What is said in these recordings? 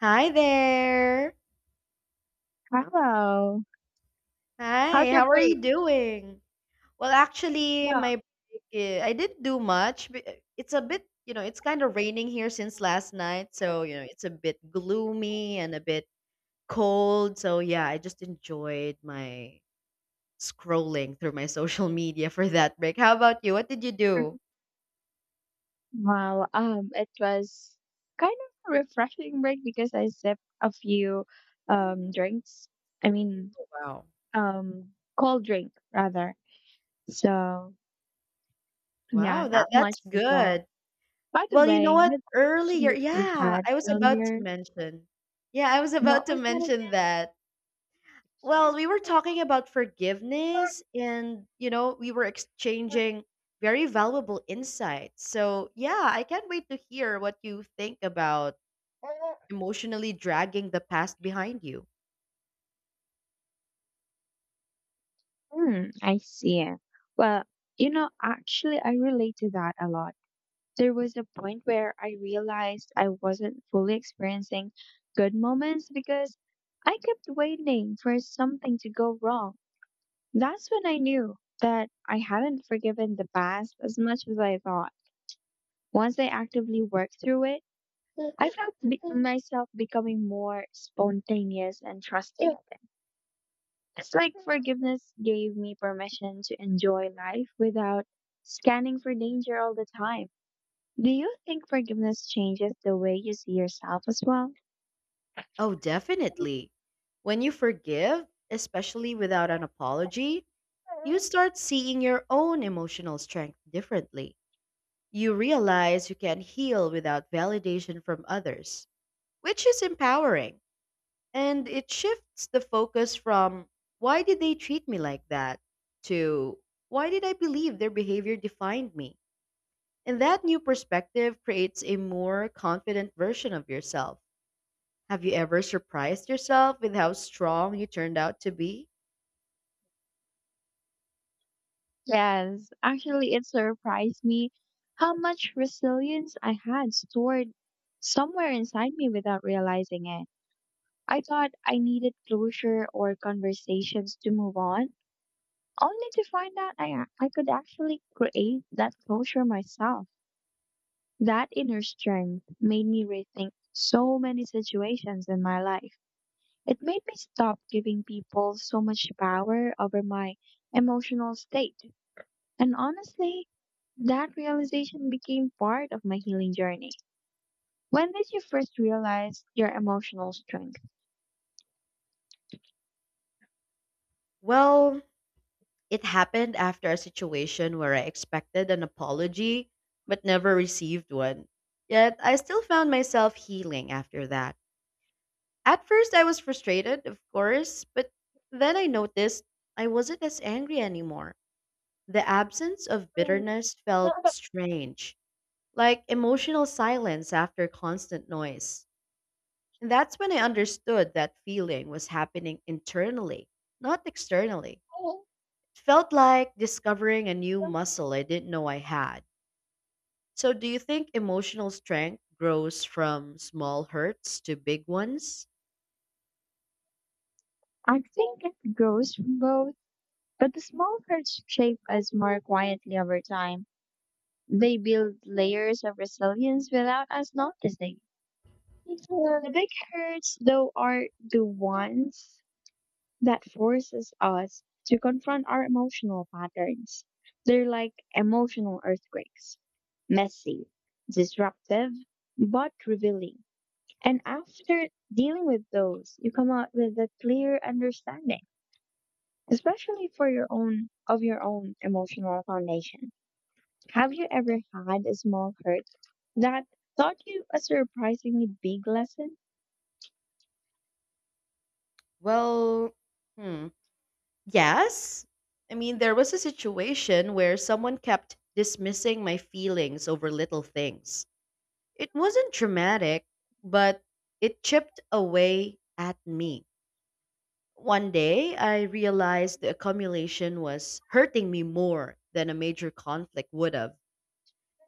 Hi there. Wow. Hi, How's your how are break? you doing? Yeah. My break, I didn't do much. It's a bit, it's kind of raining here since last night, so it's a bit gloomy and a bit cold. So yeah, I just enjoyed my scrolling through my social media for that break. How about you? What did you do? Well, it was kind of a refreshing break because I sipped a few drinks. I mean, Wow. um, Cold drink rather. So yeah, Wow, that not that's much as well. good. By the Well, you know way, what? with the question Earlier, that you yeah, had I was about to earlier, mention. Yeah, I was about what to was that mention again? that. Well, we were talking about forgiveness and, we were exchanging very valuable insights. So, yeah, I can't wait to hear what you think about emotionally dragging the past behind you. Hmm, I see. Well, you know, actually, I relate to that a lot. There was a point where I realized I wasn't fully experiencing good moments because I kept waiting for something to go wrong. That's when I knew that I hadn't forgiven the past as much as I thought. Once I actively worked through it, I felt myself becoming more spontaneous and trusting again. It's like forgiveness gave me permission to enjoy life without scanning for danger all the time. Do you think forgiveness changes the way you see yourself as well? Oh, definitely. When you forgive, especially without an apology, you start seeing your own emotional strength differently. You realize you can heal without validation from others, which is empowering. And it shifts the focus from "Why did they treat me like that?" to "Why did I believe their behavior defined me?" And that new perspective creates a more confident version of yourself. Have you ever surprised yourself with how strong you turned out to be? Yes, actually, it surprised me how much resilience I had stored somewhere inside me without realizing it. I thought I needed closure or conversations to move on, only to find out I could actually create that closure myself. That inner strength made me rethink so many situations in my life. It made me stop giving people so much power over my emotional state. And honestly, that realization became part of my healing journey. When did you first realize your emotional strength? Well, it happened after a situation where I expected an apology but never received one. Yet I still found myself healing after that. At first, I was frustrated, of course, but then I noticed I wasn't as angry anymore. The absence of bitterness felt strange, like emotional silence after constant noise. And that's when I understood that feeling was happening internally, not externally. It felt like discovering a new muscle I didn't know I had. So, do you think emotional strength grows from small hurts to big ones? I think it grows from both, but the small hurts shape us more quietly over time. They build layers of resilience without us noticing. The big hurts, though, are the ones that forces us to confront our emotional patterns. They're like emotional earthquakes, messy, disruptive, but revealing. And after dealing with those, you come out with a clear understanding, especially for your own of your own emotional foundation. Have you ever had a small hurt that taught you a surprisingly big lesson? Well, hmm. Yes. I mean, there was a situation where someone kept dismissing my feelings over little things. It wasn't dramatic, but it chipped away at me. One day, I realized the accumulation was hurting me more than a major conflict would have.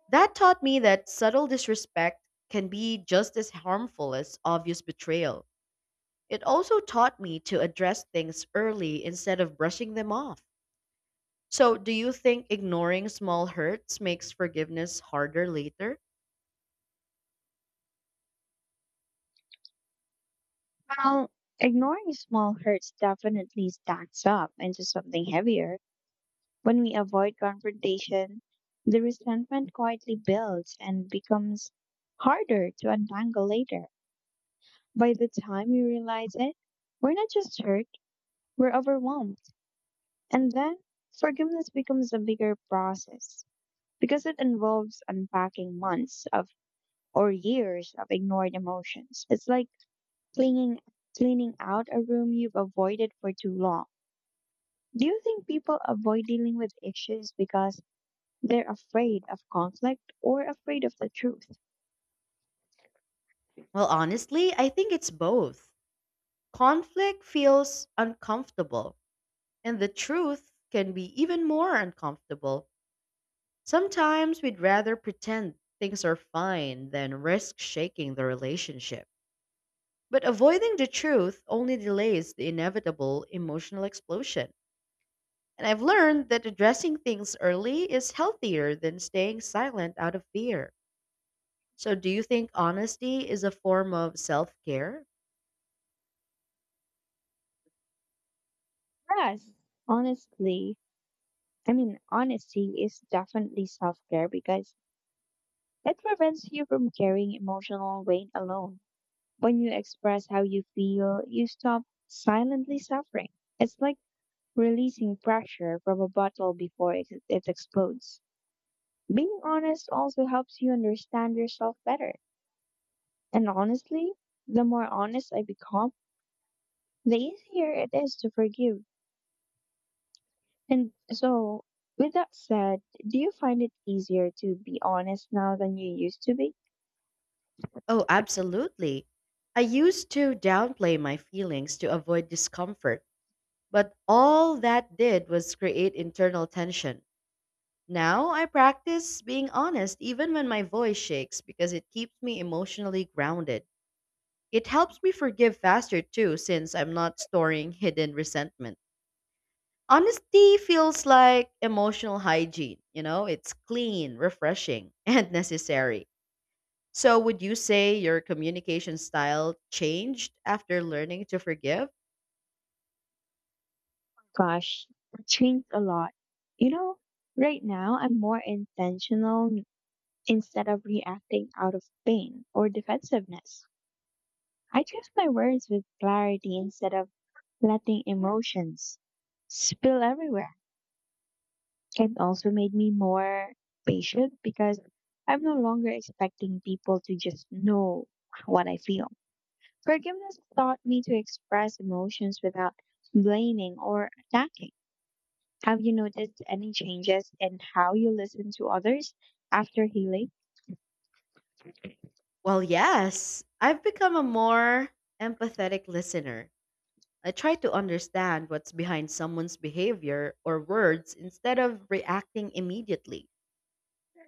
That taught me that subtle disrespect can be just as harmful as obvious betrayal. It also taught me to address things early instead of brushing them off. So, do you think ignoring small hurts makes forgiveness harder later? Well, ignoring small hurts definitely stacks up into something heavier. When we avoid confrontation, the resentment quietly builds and becomes harder to untangle later. By the time we realize it, we're not just hurt, we're overwhelmed. And then forgiveness becomes a bigger process because it involves unpacking months of or years of ignored emotions. It's like cleaning cleaning out a room you've avoided for too long. Do you think people avoid dealing with issues because they're afraid of conflict or afraid of the truth? Well, honestly, I think it's both. Conflict feels uncomfortable, and the truth can be even more uncomfortable. Sometimes we'd rather pretend things are fine than risk shaking the relationship. But avoiding the truth only delays the inevitable emotional explosion. And I've learned that addressing things early is healthier than staying silent out of fear. So, do you think honesty is a form of self care? Whereas, honestly, I mean, honesty is definitely self care because it prevents you from carrying emotional weight alone. When you express how you feel, you stop silently suffering. It's like releasing pressure from a bottle before it explodes. Being honest also helps you understand yourself better. And honestly, the more honest I become, the easier it is to forgive. And so, with that said, do you find it easier to be honest now than you used to be? Oh, absolutely. I used to downplay my feelings to avoid discomfort, but all that did was create internal tension. Now I practice being honest even when my voice shakes because it keeps me emotionally grounded. It helps me forgive faster too, since I'm not storing hidden resentment. Honesty feels like emotional hygiene, it's clean, refreshing, and necessary. So, would you say your communication style changed after learning to forgive? Gosh, I changed a lot. You know, right now I'm more intentional instead of reacting out of pain or defensiveness. I choose my words with clarity instead of letting emotions spill everywhere. It also made me more patient because I'm no longer expecting people to just know what I feel. Forgiveness taught me to express emotions without blaming or attacking. Have you noticed any changes in how you listen to others after healing? Well, yes. I've become a more empathetic listener. I try to understand what's behind someone's behavior or words instead of reacting immediately.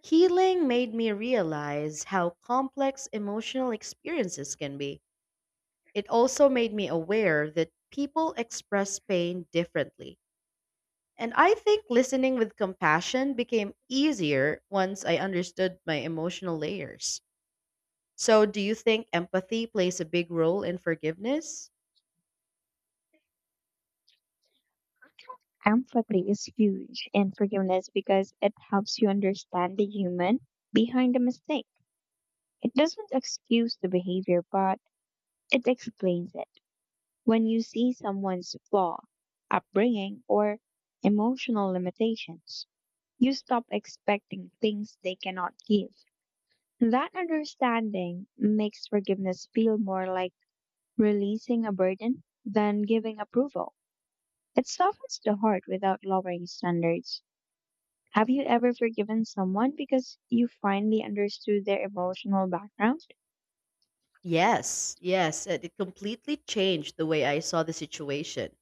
Healing made me realize how complex emotional experiences can be. It also made me aware that people express pain differently. And I think listening with compassion became easier once I understood my emotional layers. So, do you think empathy plays a big role in forgiveness? Empathy is huge in forgiveness because it helps you understand the human behind the mistake. It doesn't excuse the behavior, but it explains it. When you see someone's flaw, upbringing, or emotional limitations, you stop expecting things they cannot give. That understanding makes forgiveness feel more like releasing a burden than giving approval. It softens the heart without lowering standards. Have you ever forgiven someone because you finally understood their emotional background? Yes, yes, and it completely changed the way I saw the situation.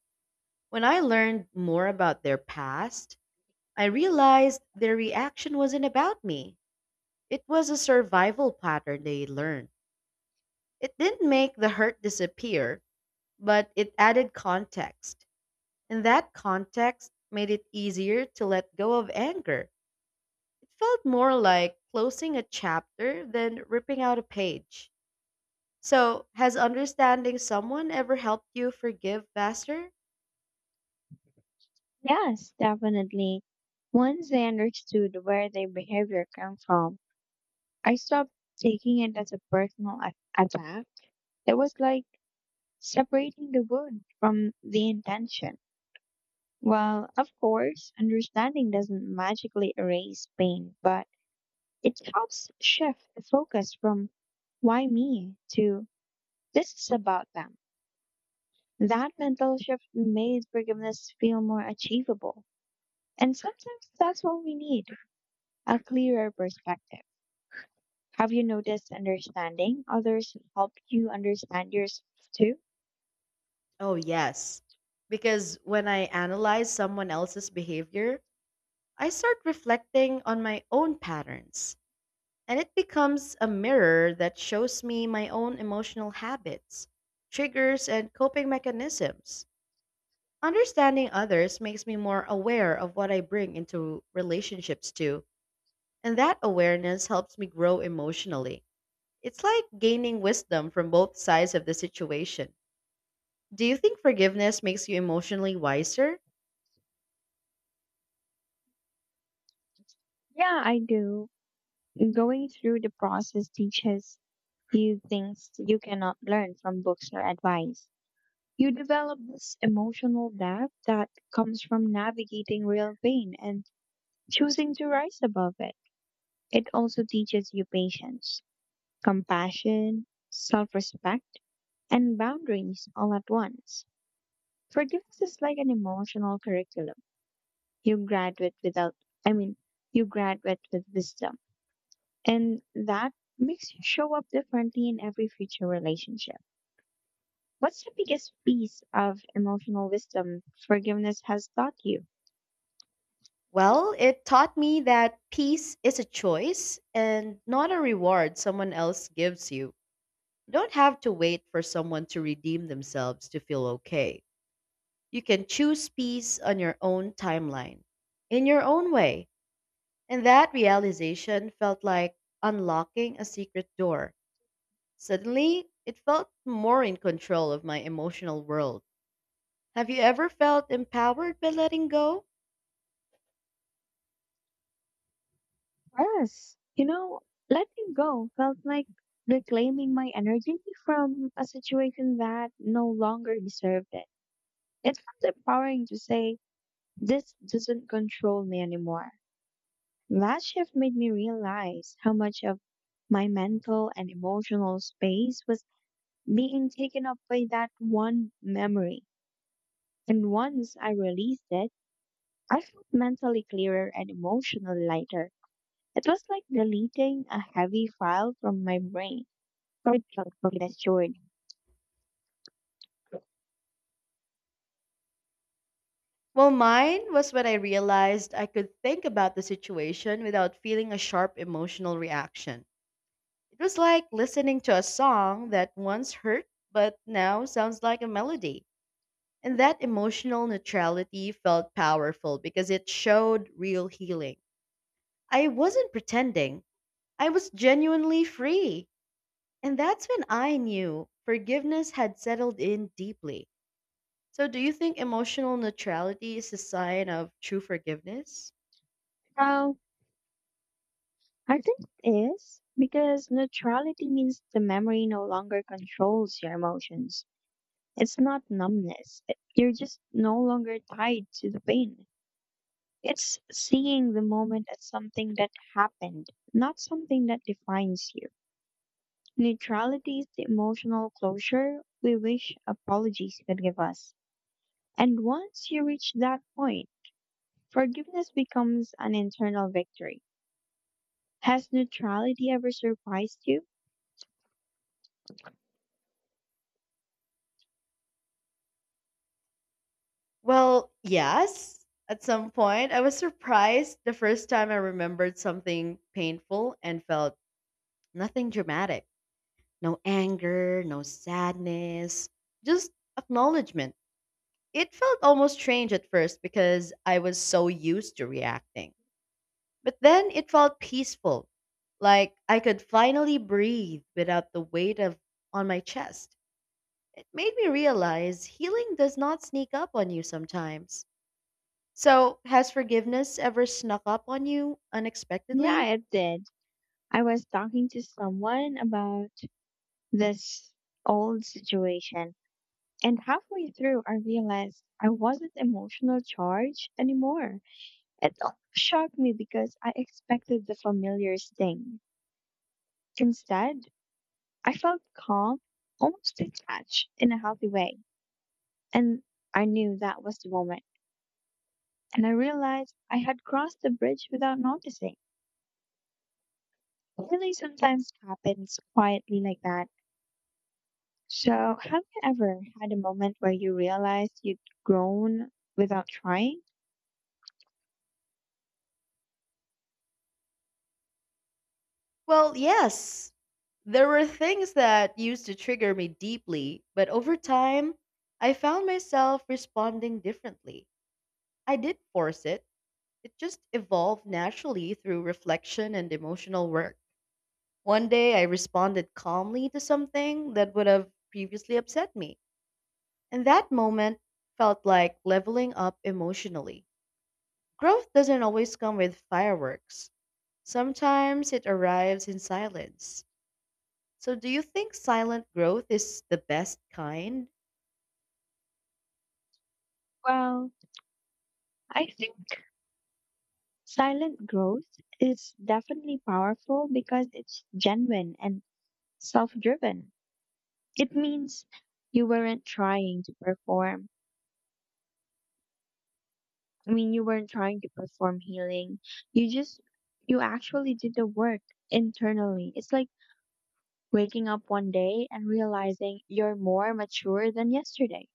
When I learned more about their past, I realized their reaction wasn't about me. It was a survival pattern they learned. It didn't make the hurt disappear, but it added context. And that context made it easier to let go of anger. It felt more like closing a chapter than ripping out a page. So, has understanding someone ever helped you forgive faster? Yes, definitely. Once I understood where their behavior came from, I stopped taking it as a attack. It was like separating the wound from the intention. Well, of course, understanding doesn't magically erase pain, but it helps shift the focus from why me to this is about them. That mental shift made forgiveness feel more achievable. And sometimes that's what we need, a clearer perspective. Have you noticed understanding others help you understand yourself too? Oh, yes. Because when I analyze someone else's behavior, I start reflecting on my own patterns. And it becomes a mirror that shows me my own emotional habits, triggers, and coping mechanisms. Understanding others makes me more aware of what I bring into relationships too, and that awareness helps me grow emotionally. It's like gaining wisdom from both sides of the situation. Do you think forgiveness makes you emotionally wiser? Yeah, I do. Going through the process teaches you things you cannot learn from books or advice. You develop this emotional depth that comes from navigating real pain and choosing to rise above it. It also teaches you patience, compassion, self respect, and boundaries all at once. Forgiveness is like an emotional curriculum. You graduate without, I mean, You graduate with wisdom. And that makes you show up differently in every future relationship. What's the biggest piece of emotional wisdom forgiveness has taught you? Well, it taught me that peace is a choice and not a reward someone else gives you. You don't have to wait for someone to redeem themselves to feel okay. You can choose peace on your own timeline, in your own way. And that realization felt like unlocking a secret door. Suddenly, it felt more in control of my emotional world. Have you ever felt empowered by letting go? Yes, you know, letting go felt like reclaiming my energy from a situation that no longer deserved it. It felt empowering to say, this doesn't control me anymore. That shift made me realize how much of my mental and emotional space was being taken up by that one memory. And once I released it, I felt mentally clearer and emotionally lighter. It was like deleting a heavy file from my brain. So it felt reassured. Well, mine was when I realized I could think about the situation without feeling a sharp emotional reaction. It was like listening to a song that once hurt but now sounds like a melody. And that emotional neutrality felt powerful because it showed real healing. I wasn't pretending. I was genuinely free. And that's when I knew forgiveness had settled in deeply. So, do you think emotional neutrality is a sign of true forgiveness? Now, I think it is because neutrality means the memory no longer controls your emotions. It's not numbness. It- you're just no longer tied to the pain. It's seeing the moment as something that happened, not something that defines you. Neutrality is the emotional closure we wish apologies could give us. And once you reach that point, forgiveness becomes an internal victory. Has neutrality ever surprised you? Well, yes. At some point, I was surprised the first time I remembered something painful and felt nothing dramatic. No anger, no sadness, just acknowledgement. It felt almost strange at first because I was so used to reacting. But then it felt peaceful, like I could finally breathe without the weight of on my chest. It made me realize healing does not sneak up on you sometimes. So, has forgiveness ever snuck up on you Yeah, unexpectedly? it did. I was talking to someone about this old situation, and halfway through, I realized I wasn't emotional charged anymore. It shocked me because I expected the familiar sting. Instead, I felt calm, almost detached in a healthy way. And I knew that was the moment. And I realized I had crossed the bridge without noticing. It really, sometimes happens quietly like that. So, have you ever had a moment where you realized you'd grown without trying? Well, yes. There were things that used to trigger me deeply, but over time, I found myself responding differently. I did force it. It just evolved naturally through reflection and emotional work. One day I responded calmly to something that would have previously upset me, and that moment felt like leveling up emotionally. Growth doesn't always come with fireworks, sometimes it arrives in silence. So, do you think silent growth is the best kind? Well, I think silent growth is definitely powerful because it's genuine and self driven. It means you weren't trying to perform you weren't trying to perform healing. You just, you actually did the work internally. It's like waking up one day and realizing you're more mature than yesterday.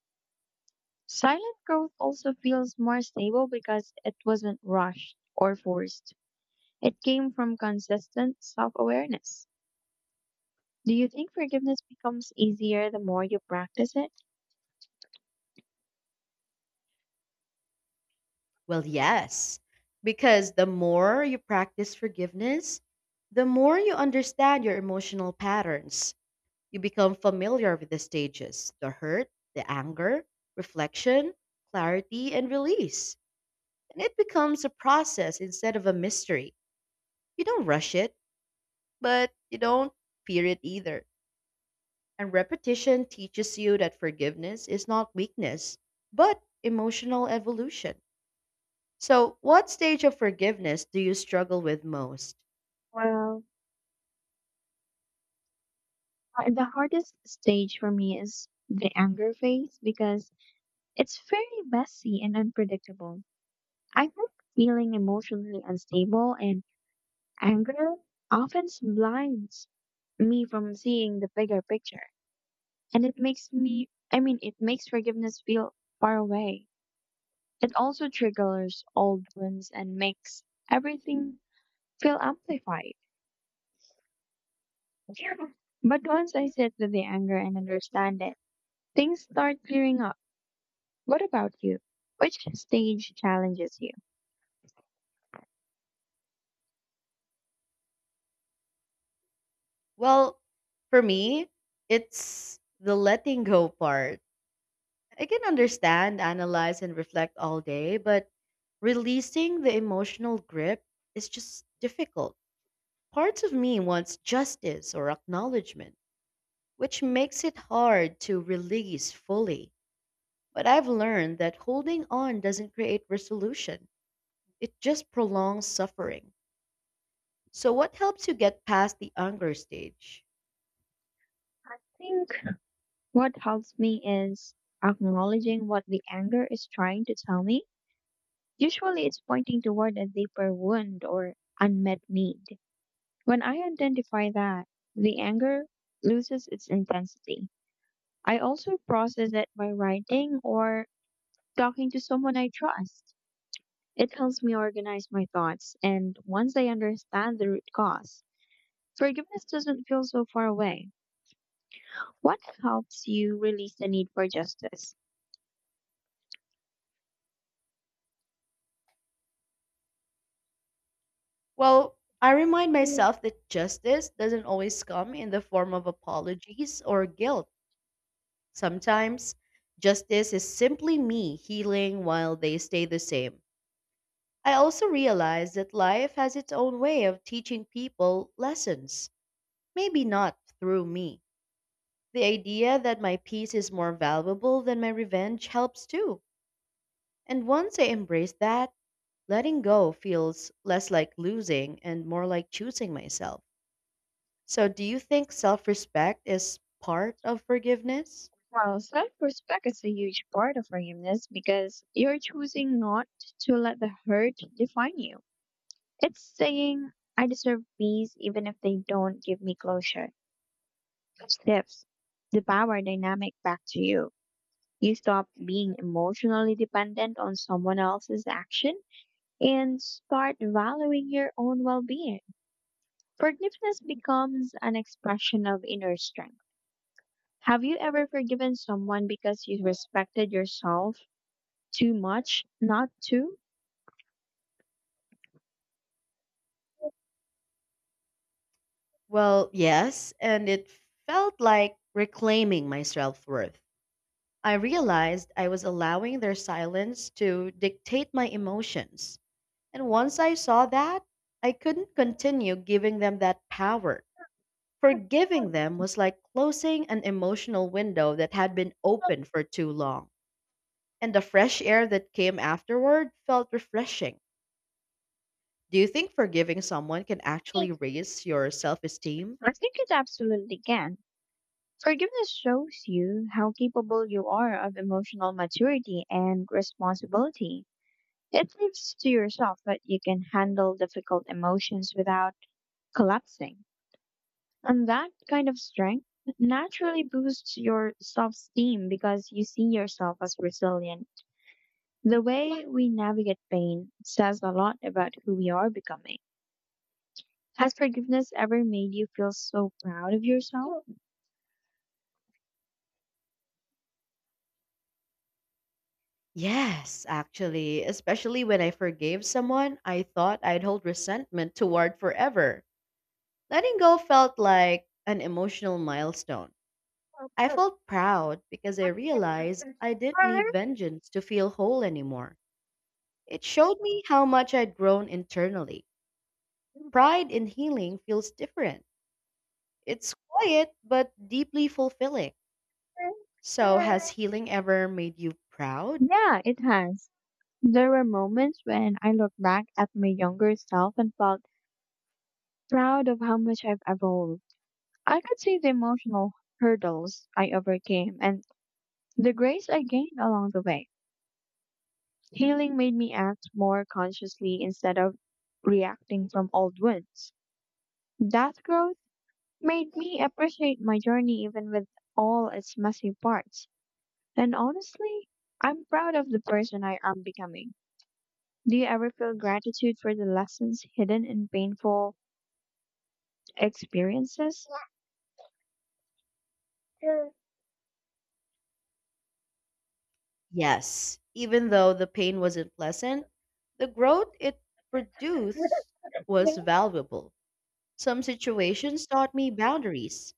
Silent growth also feels more stable because it wasn't rushed or forced. It came from consistent self awareness. Do you think forgiveness becomes easier the more you practice it? Well, yes, because the more you practice forgiveness, the more you understand your emotional patterns. You become familiar with the stages: the hurt, the anger, reflection, clarity, and release. And it becomes a process instead of a mystery. You don't rush it, but you don't fear it either. And repetition teaches you that forgiveness is not weakness, but emotional evolution. So, what stage of forgiveness do you struggle with most? Well, the hardest stage for me is the anger phase because it's fairly messy and unpredictable. I think feeling emotionally unstable and anger often blinds me from seeing the bigger picture. And it makes me, I mean, it makes forgiveness feel far away. It also triggers old wounds and makes everything feel amplified. But once I sit with the anger and understand it, things start clearing up. What about you? Which stage challenges you? Well, for me, it's the letting go part. I can understand, analyze, and reflect all day, but releasing the emotional grip is just difficult. Parts of me wants justice or acknowledgement, which makes it hard to release fully. But I've learned that holding on doesn't create resolution, it just prolongs suffering. So, what helps you get past the anger stage? What helps me is acknowledging what the anger is trying to tell me. Usually it's pointing toward a deeper wound or unmet need. When I identify that, the anger loses its intensity. I also process it by writing or talking to someone I trust. It helps me organize my thoughts, and once I understand the root cause, forgiveness doesn't feel so far away. What helps you release the need for justice? Well, I remind myself that justice doesn't always come in the form of apologies or guilt. Sometimes justice is simply me healing while they stay the same. I also realize that life has its own way of teaching people lessons, maybe not through me. The idea that my peace is more valuable than my revenge helps too. And once I embrace that, letting go feels less like losing and more like choosing myself. So, do you think self respect is part of forgiveness? Well, self respect is a huge part of forgiveness because you're choosing not to let the hurt define you. It's saying, I deserve peace even if they don't give me closure. Tips the power dynamic back to you. You stop being emotionally dependent on someone else's action and start valuing your own well being. Forgiveness becomes an expression of inner strength. Have you ever forgiven someone because you respected yourself too much not to? Well, yes, and it felt like reclaiming my self worth. I realized I was allowing their silence to dictate my emotions. And once I saw that, I couldn't continue giving them that power. Forgiving them was like closing an emotional window that had been open for too long. And the fresh air that came afterward felt refreshing. Do you think forgiving someone can actually raise your self esteem? I think it absolutely can. Forgiveness shows you how capable you are of emotional maturity and responsibility. It proves to yourself that you can handle difficult emotions without collapsing. And that kind of strength naturally boosts your self esteem because you see yourself as resilient. The way we navigate pain says a lot about who we are becoming. Has forgiveness ever made you feel so proud of yourself? Yes, actually, especially when I forgave someone I thought I'd hold resentment toward forever. Letting go felt like an emotional milestone. I felt proud because I realized I didn't need vengeance to feel whole anymore. It showed me how much I'd grown internally. Pride in healing feels different. It's quiet but deeply fulfilling. So, has healing ever made you proud? Yeah, it has. There were moments when I looked back at my younger self and felt proud of how much I've evolved. I could see the emotional hurdles I overcame and the grace I gained along the way. Healing made me act more consciously instead of reacting from old wounds. That growth made me appreciate my journey even with all its messy parts. And honestly, I'm proud of the person I am becoming. Do you ever feel gratitude for the lessons hidden in painful experiences? Yes, even though the pain wasn't pleasant, the growth it produced was valuable. Some situations taught me boundaries,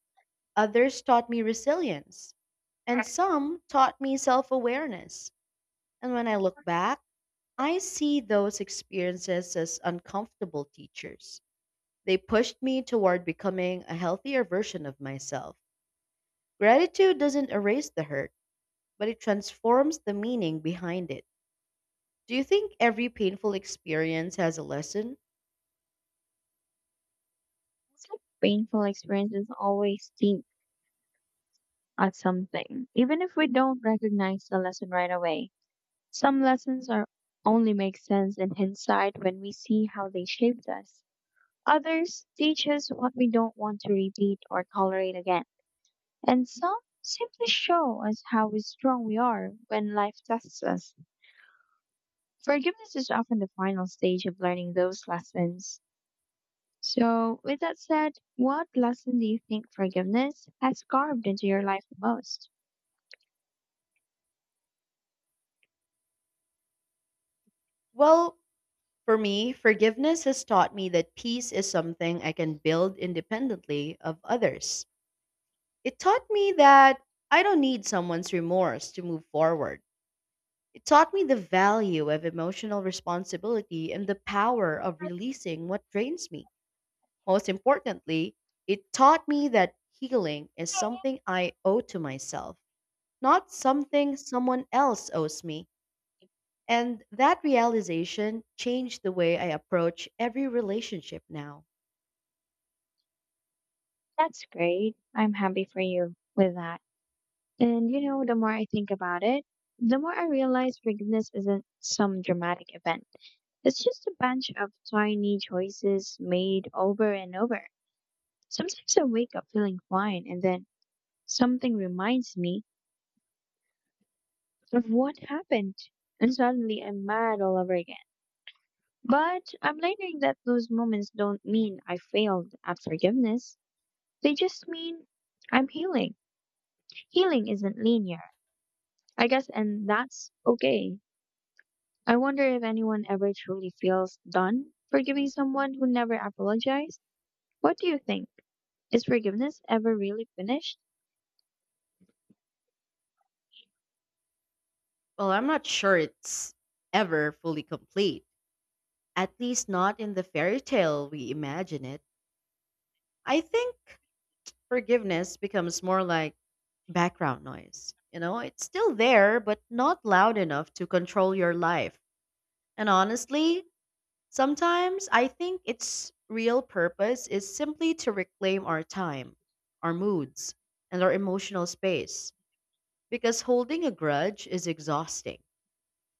others taught me resilience, and some taught me self awareness. And when I look back, I see those experiences as uncomfortable teachers. They pushed me toward becoming a healthier version of myself. Gratitude doesn't erase the hurt, but it transforms the meaning behind it. Do you think every painful experience has a lesson? It's like painful experiences always teach us something, even if we don't recognize the lesson right away. Some lessons are only make sense in hindsight when we see how they shaped us. Others teach us what we don't want to repeat or tolerate again. And some simply show us how strong we are when life tests us. Forgiveness is often the final stage of learning those lessons. So, with that said, what lesson do you think forgiveness has carved into your life the most? Well, for me, forgiveness has taught me that peace is something I can build independently of others. It taught me that I don't need someone's remorse to move forward. It taught me the value of emotional responsibility and the power of releasing what drains me. Most importantly, it taught me that healing is something I owe to myself, not something someone else owes me. And that realization changed the way I approach every relationship now. That's great. I'm happy for you with that. And you know, the more I think about it, the more I realize forgiveness isn't some dramatic event. It's just a bunch of tiny choices made over and over. Sometimes I wake up feeling fine, and then something reminds me of what happened, and suddenly I'm mad all over again. But I'm learning that those moments don't mean I failed at forgiveness. They just mean I'm healing. Healing isn't linear, I guess, and that's okay. I wonder if anyone ever truly feels done forgiving someone who never apologized. What do you think? Is forgiveness ever really finished? Well, I'm not sure it's ever fully complete, at least not in the fairy tale we imagine it. I think forgiveness becomes more like background noise. You know, it's still there, but not loud enough to control your life. And honestly, sometimes I think its real purpose is simply to reclaim our time, our moods, and our emotional space. Because holding a grudge is exhausting,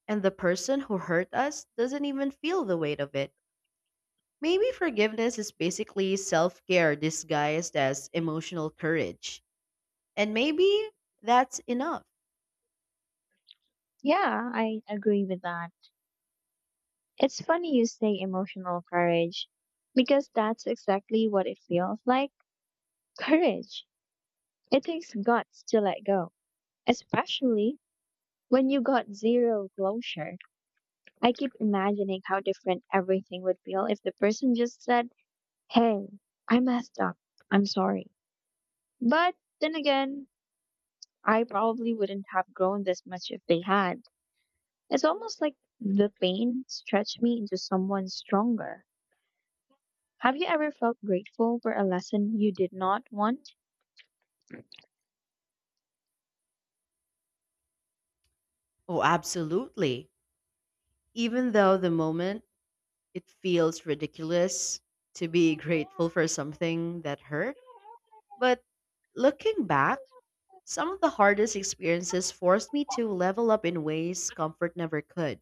and the person who hurt us doesn't even feel the weight of it. Maybe forgiveness is basically self care disguised as emotional courage. And maybe that's enough. Yeah, I agree with that. It's funny you say emotional courage because that's exactly what it feels like, courage. It takes guts to let go. Especially when you got zero closure. I keep imagining how different everything would feel if the person just said, "Hey, I messed up. I'm sorry." But then again, I probably wouldn't have grown this much if they had. It's almost like the pain stretched me into someone stronger. Have you ever felt grateful for a lesson you did not want? Oh, absolutely. Even though the moment it feels ridiculous to be grateful for something that hurt. But looking back, some of the hardest experiences forced me to level up in ways comfort never could.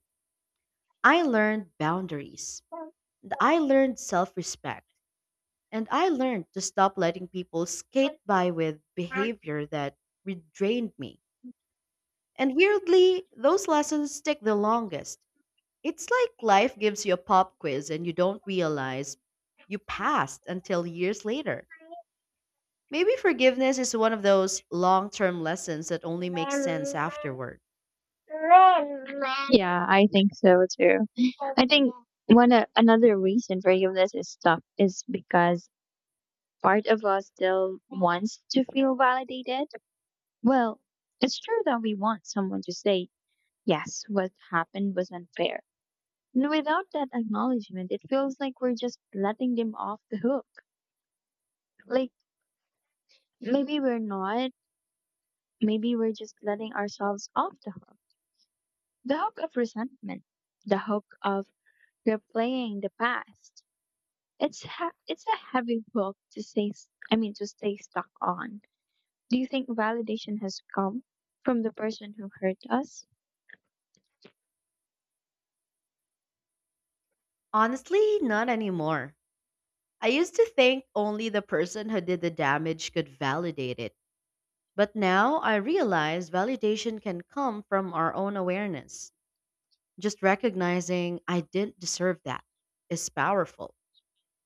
I learned boundaries, I learned self respect, and I learned to stop letting people skate by with behavior that drained me. And weirdly, those lessons stick the longest. It's like life gives you a pop quiz and you don't realize you passed until years later. Maybe forgiveness is one of those long term lessons that only makes sense afterward. Yeah, I think so too. I think one another reason for all this is stuff is because part of us still wants to feel validated. Well, it's true that we want someone to say, "Yes, what happened was unfair." And without that acknowledgement, it feels like we're just letting them off the hook. Like maybe we're not. Maybe we're just letting ourselves off the hook. The hook of resentment. The hook of replaying the past. It's a heavy book to to stay stuck on. Do you think validation has come from the person who hurt us? Honestly, not anymore. I used to think only the person who did the damage could validate it. But now I realize validation can come from our own awareness. Just recognizing I didn't deserve that is powerful.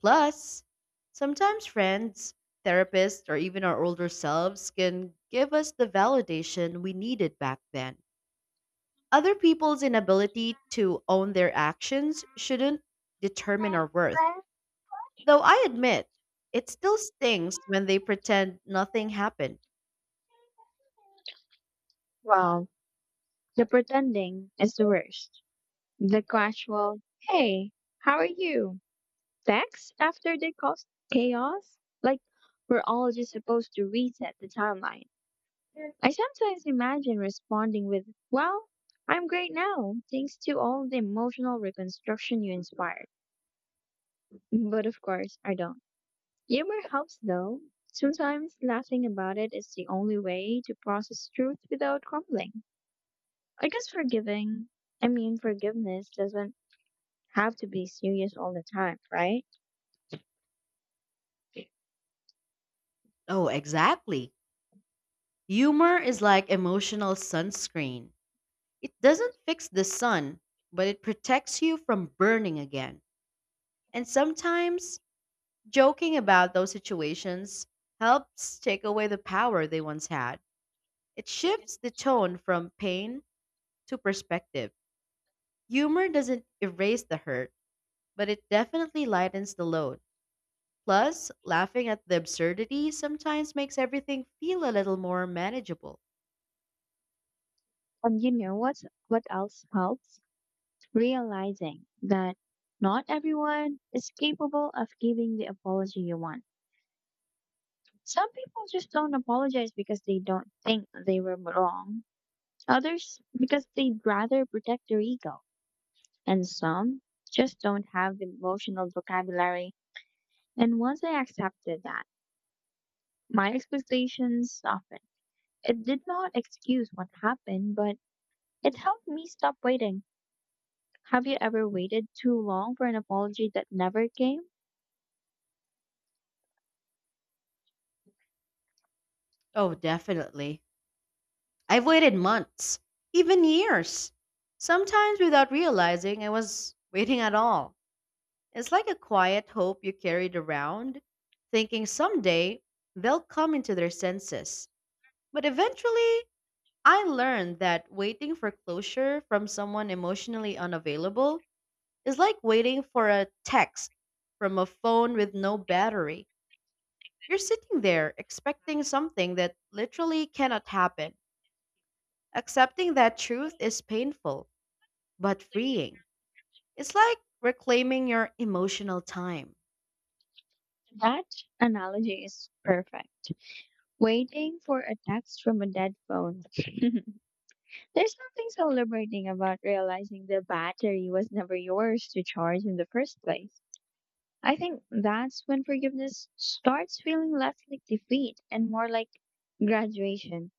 Plus, sometimes friends, therapists, or even our older selves can give us the validation we needed back then. Other people's inability to own their actions shouldn't determine our worth. Though I admit, it still stings when they pretend nothing happened. Well, the pretending is the worst. The casual, "Hey, how are you?" text after they caused chaos. Like we're all just supposed to reset the timeline. I sometimes imagine responding with, "Well, I'm great now, thanks to all the emotional reconstruction you inspired." But of course, I don't. Humor helps though. Sometimes laughing about it is the only way to process truth without crumbling. I guess forgiveness doesn't have to be serious all the time, right? Oh, exactly. Humor is like emotional sunscreen. It doesn't fix the sun, but it protects you from burning again. And sometimes joking about those situations helps take away the power they once had. It shifts the tone from pain to perspective. Humor doesn't erase the hurt, but it definitely lightens the load. Plus, laughing at the absurdity sometimes makes everything feel a little more manageable. And what else helps? Realizing that not everyone is capable of giving the apology you want. Some people just don't apologize because they don't think they were wrong. Others because they'd rather protect their ego. And some just don't have the emotional vocabulary. And once I accepted that, my expectations softened. It did not excuse what happened, but it helped me stop waiting. Have you ever waited too long for an apology that never came? Oh, definitely. I've waited months, even years, sometimes without realizing I was waiting at all. It's like a quiet hope you carried around, thinking someday they'll come into their senses. But eventually, I learned that waiting for closure from someone emotionally unavailable is like waiting for a text from a phone with no battery. You're sitting there expecting something that literally cannot happen. Accepting that truth is painful but freeing. It's like reclaiming your emotional time. That analogy is perfect. Waiting for a text from a dead phone. There's nothing so liberating about realizing the battery was never yours to charge in the first place. I think that's when forgiveness starts feeling less like defeat and more like graduation.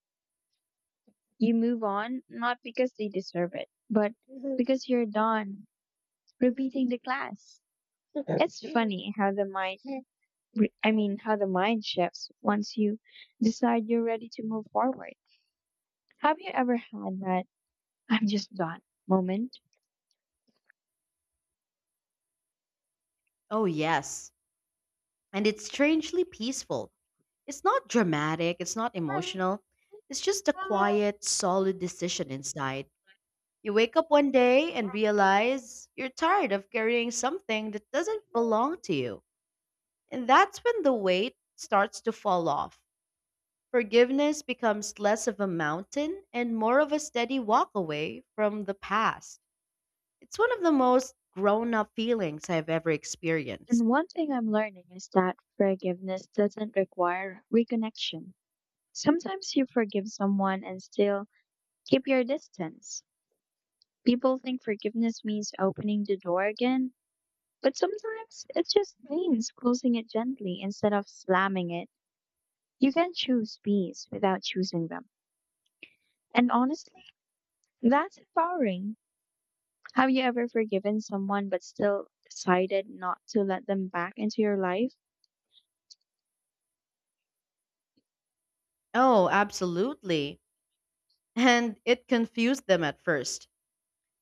You move on not because they deserve it, but because you're done repeating the class. It's funny how the mind, I mean, how the mind shifts once you decide you're ready to move forward. Have you ever had that I'm just done moment? Oh, yes. And it's strangely peaceful. It's not dramatic, it's not emotional. It's just a quiet, solid decision inside. You wake up one day and realize you're tired of carrying something that doesn't belong to you. And that's when the weight starts to fall off. Forgiveness becomes less of a mountain and more of a steady walk away from the past. It's one of the most grown up feelings I've ever experienced. And one thing I'm learning is that forgiveness doesn't require reconnection. Sometimes you forgive someone and still keep your distance. People think forgiveness means opening the door again, but sometimes it just means closing it gently instead of slamming it. You can choose peace without choosing them. And honestly, that's empowering. Have you ever forgiven someone but still decided not to let them back into your life? Oh, absolutely. And it confused them at first.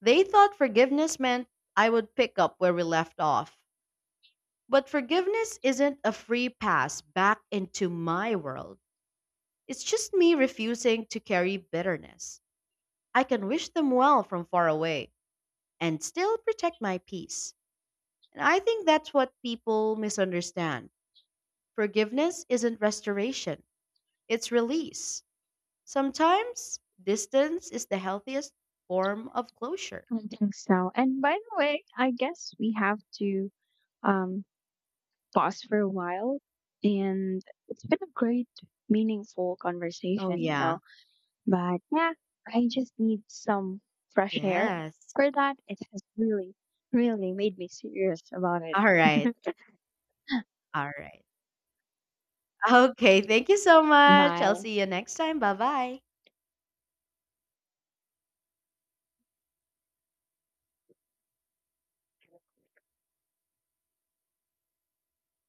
They thought forgiveness meant I would pick up where we left off. But forgiveness isn't a free pass back into my world. It's just me refusing to carry bitterness. I can wish them well from far away and still protect my peace. And I think that's what people misunderstand. Forgiveness isn't restoration, it's release. Sometimes distance is the healthiest form of closure. I don't think so. And by the way, I guess we have to um, pause for a while. And it's been a great, meaningful Oh, conversation, you yeah. know. But yeah, I just need some fresh air. Yes. For that, it has really, really made me serious about it. All right. All right. Okay. Thank you so much. I'll Bye. see you next time. Bye bye.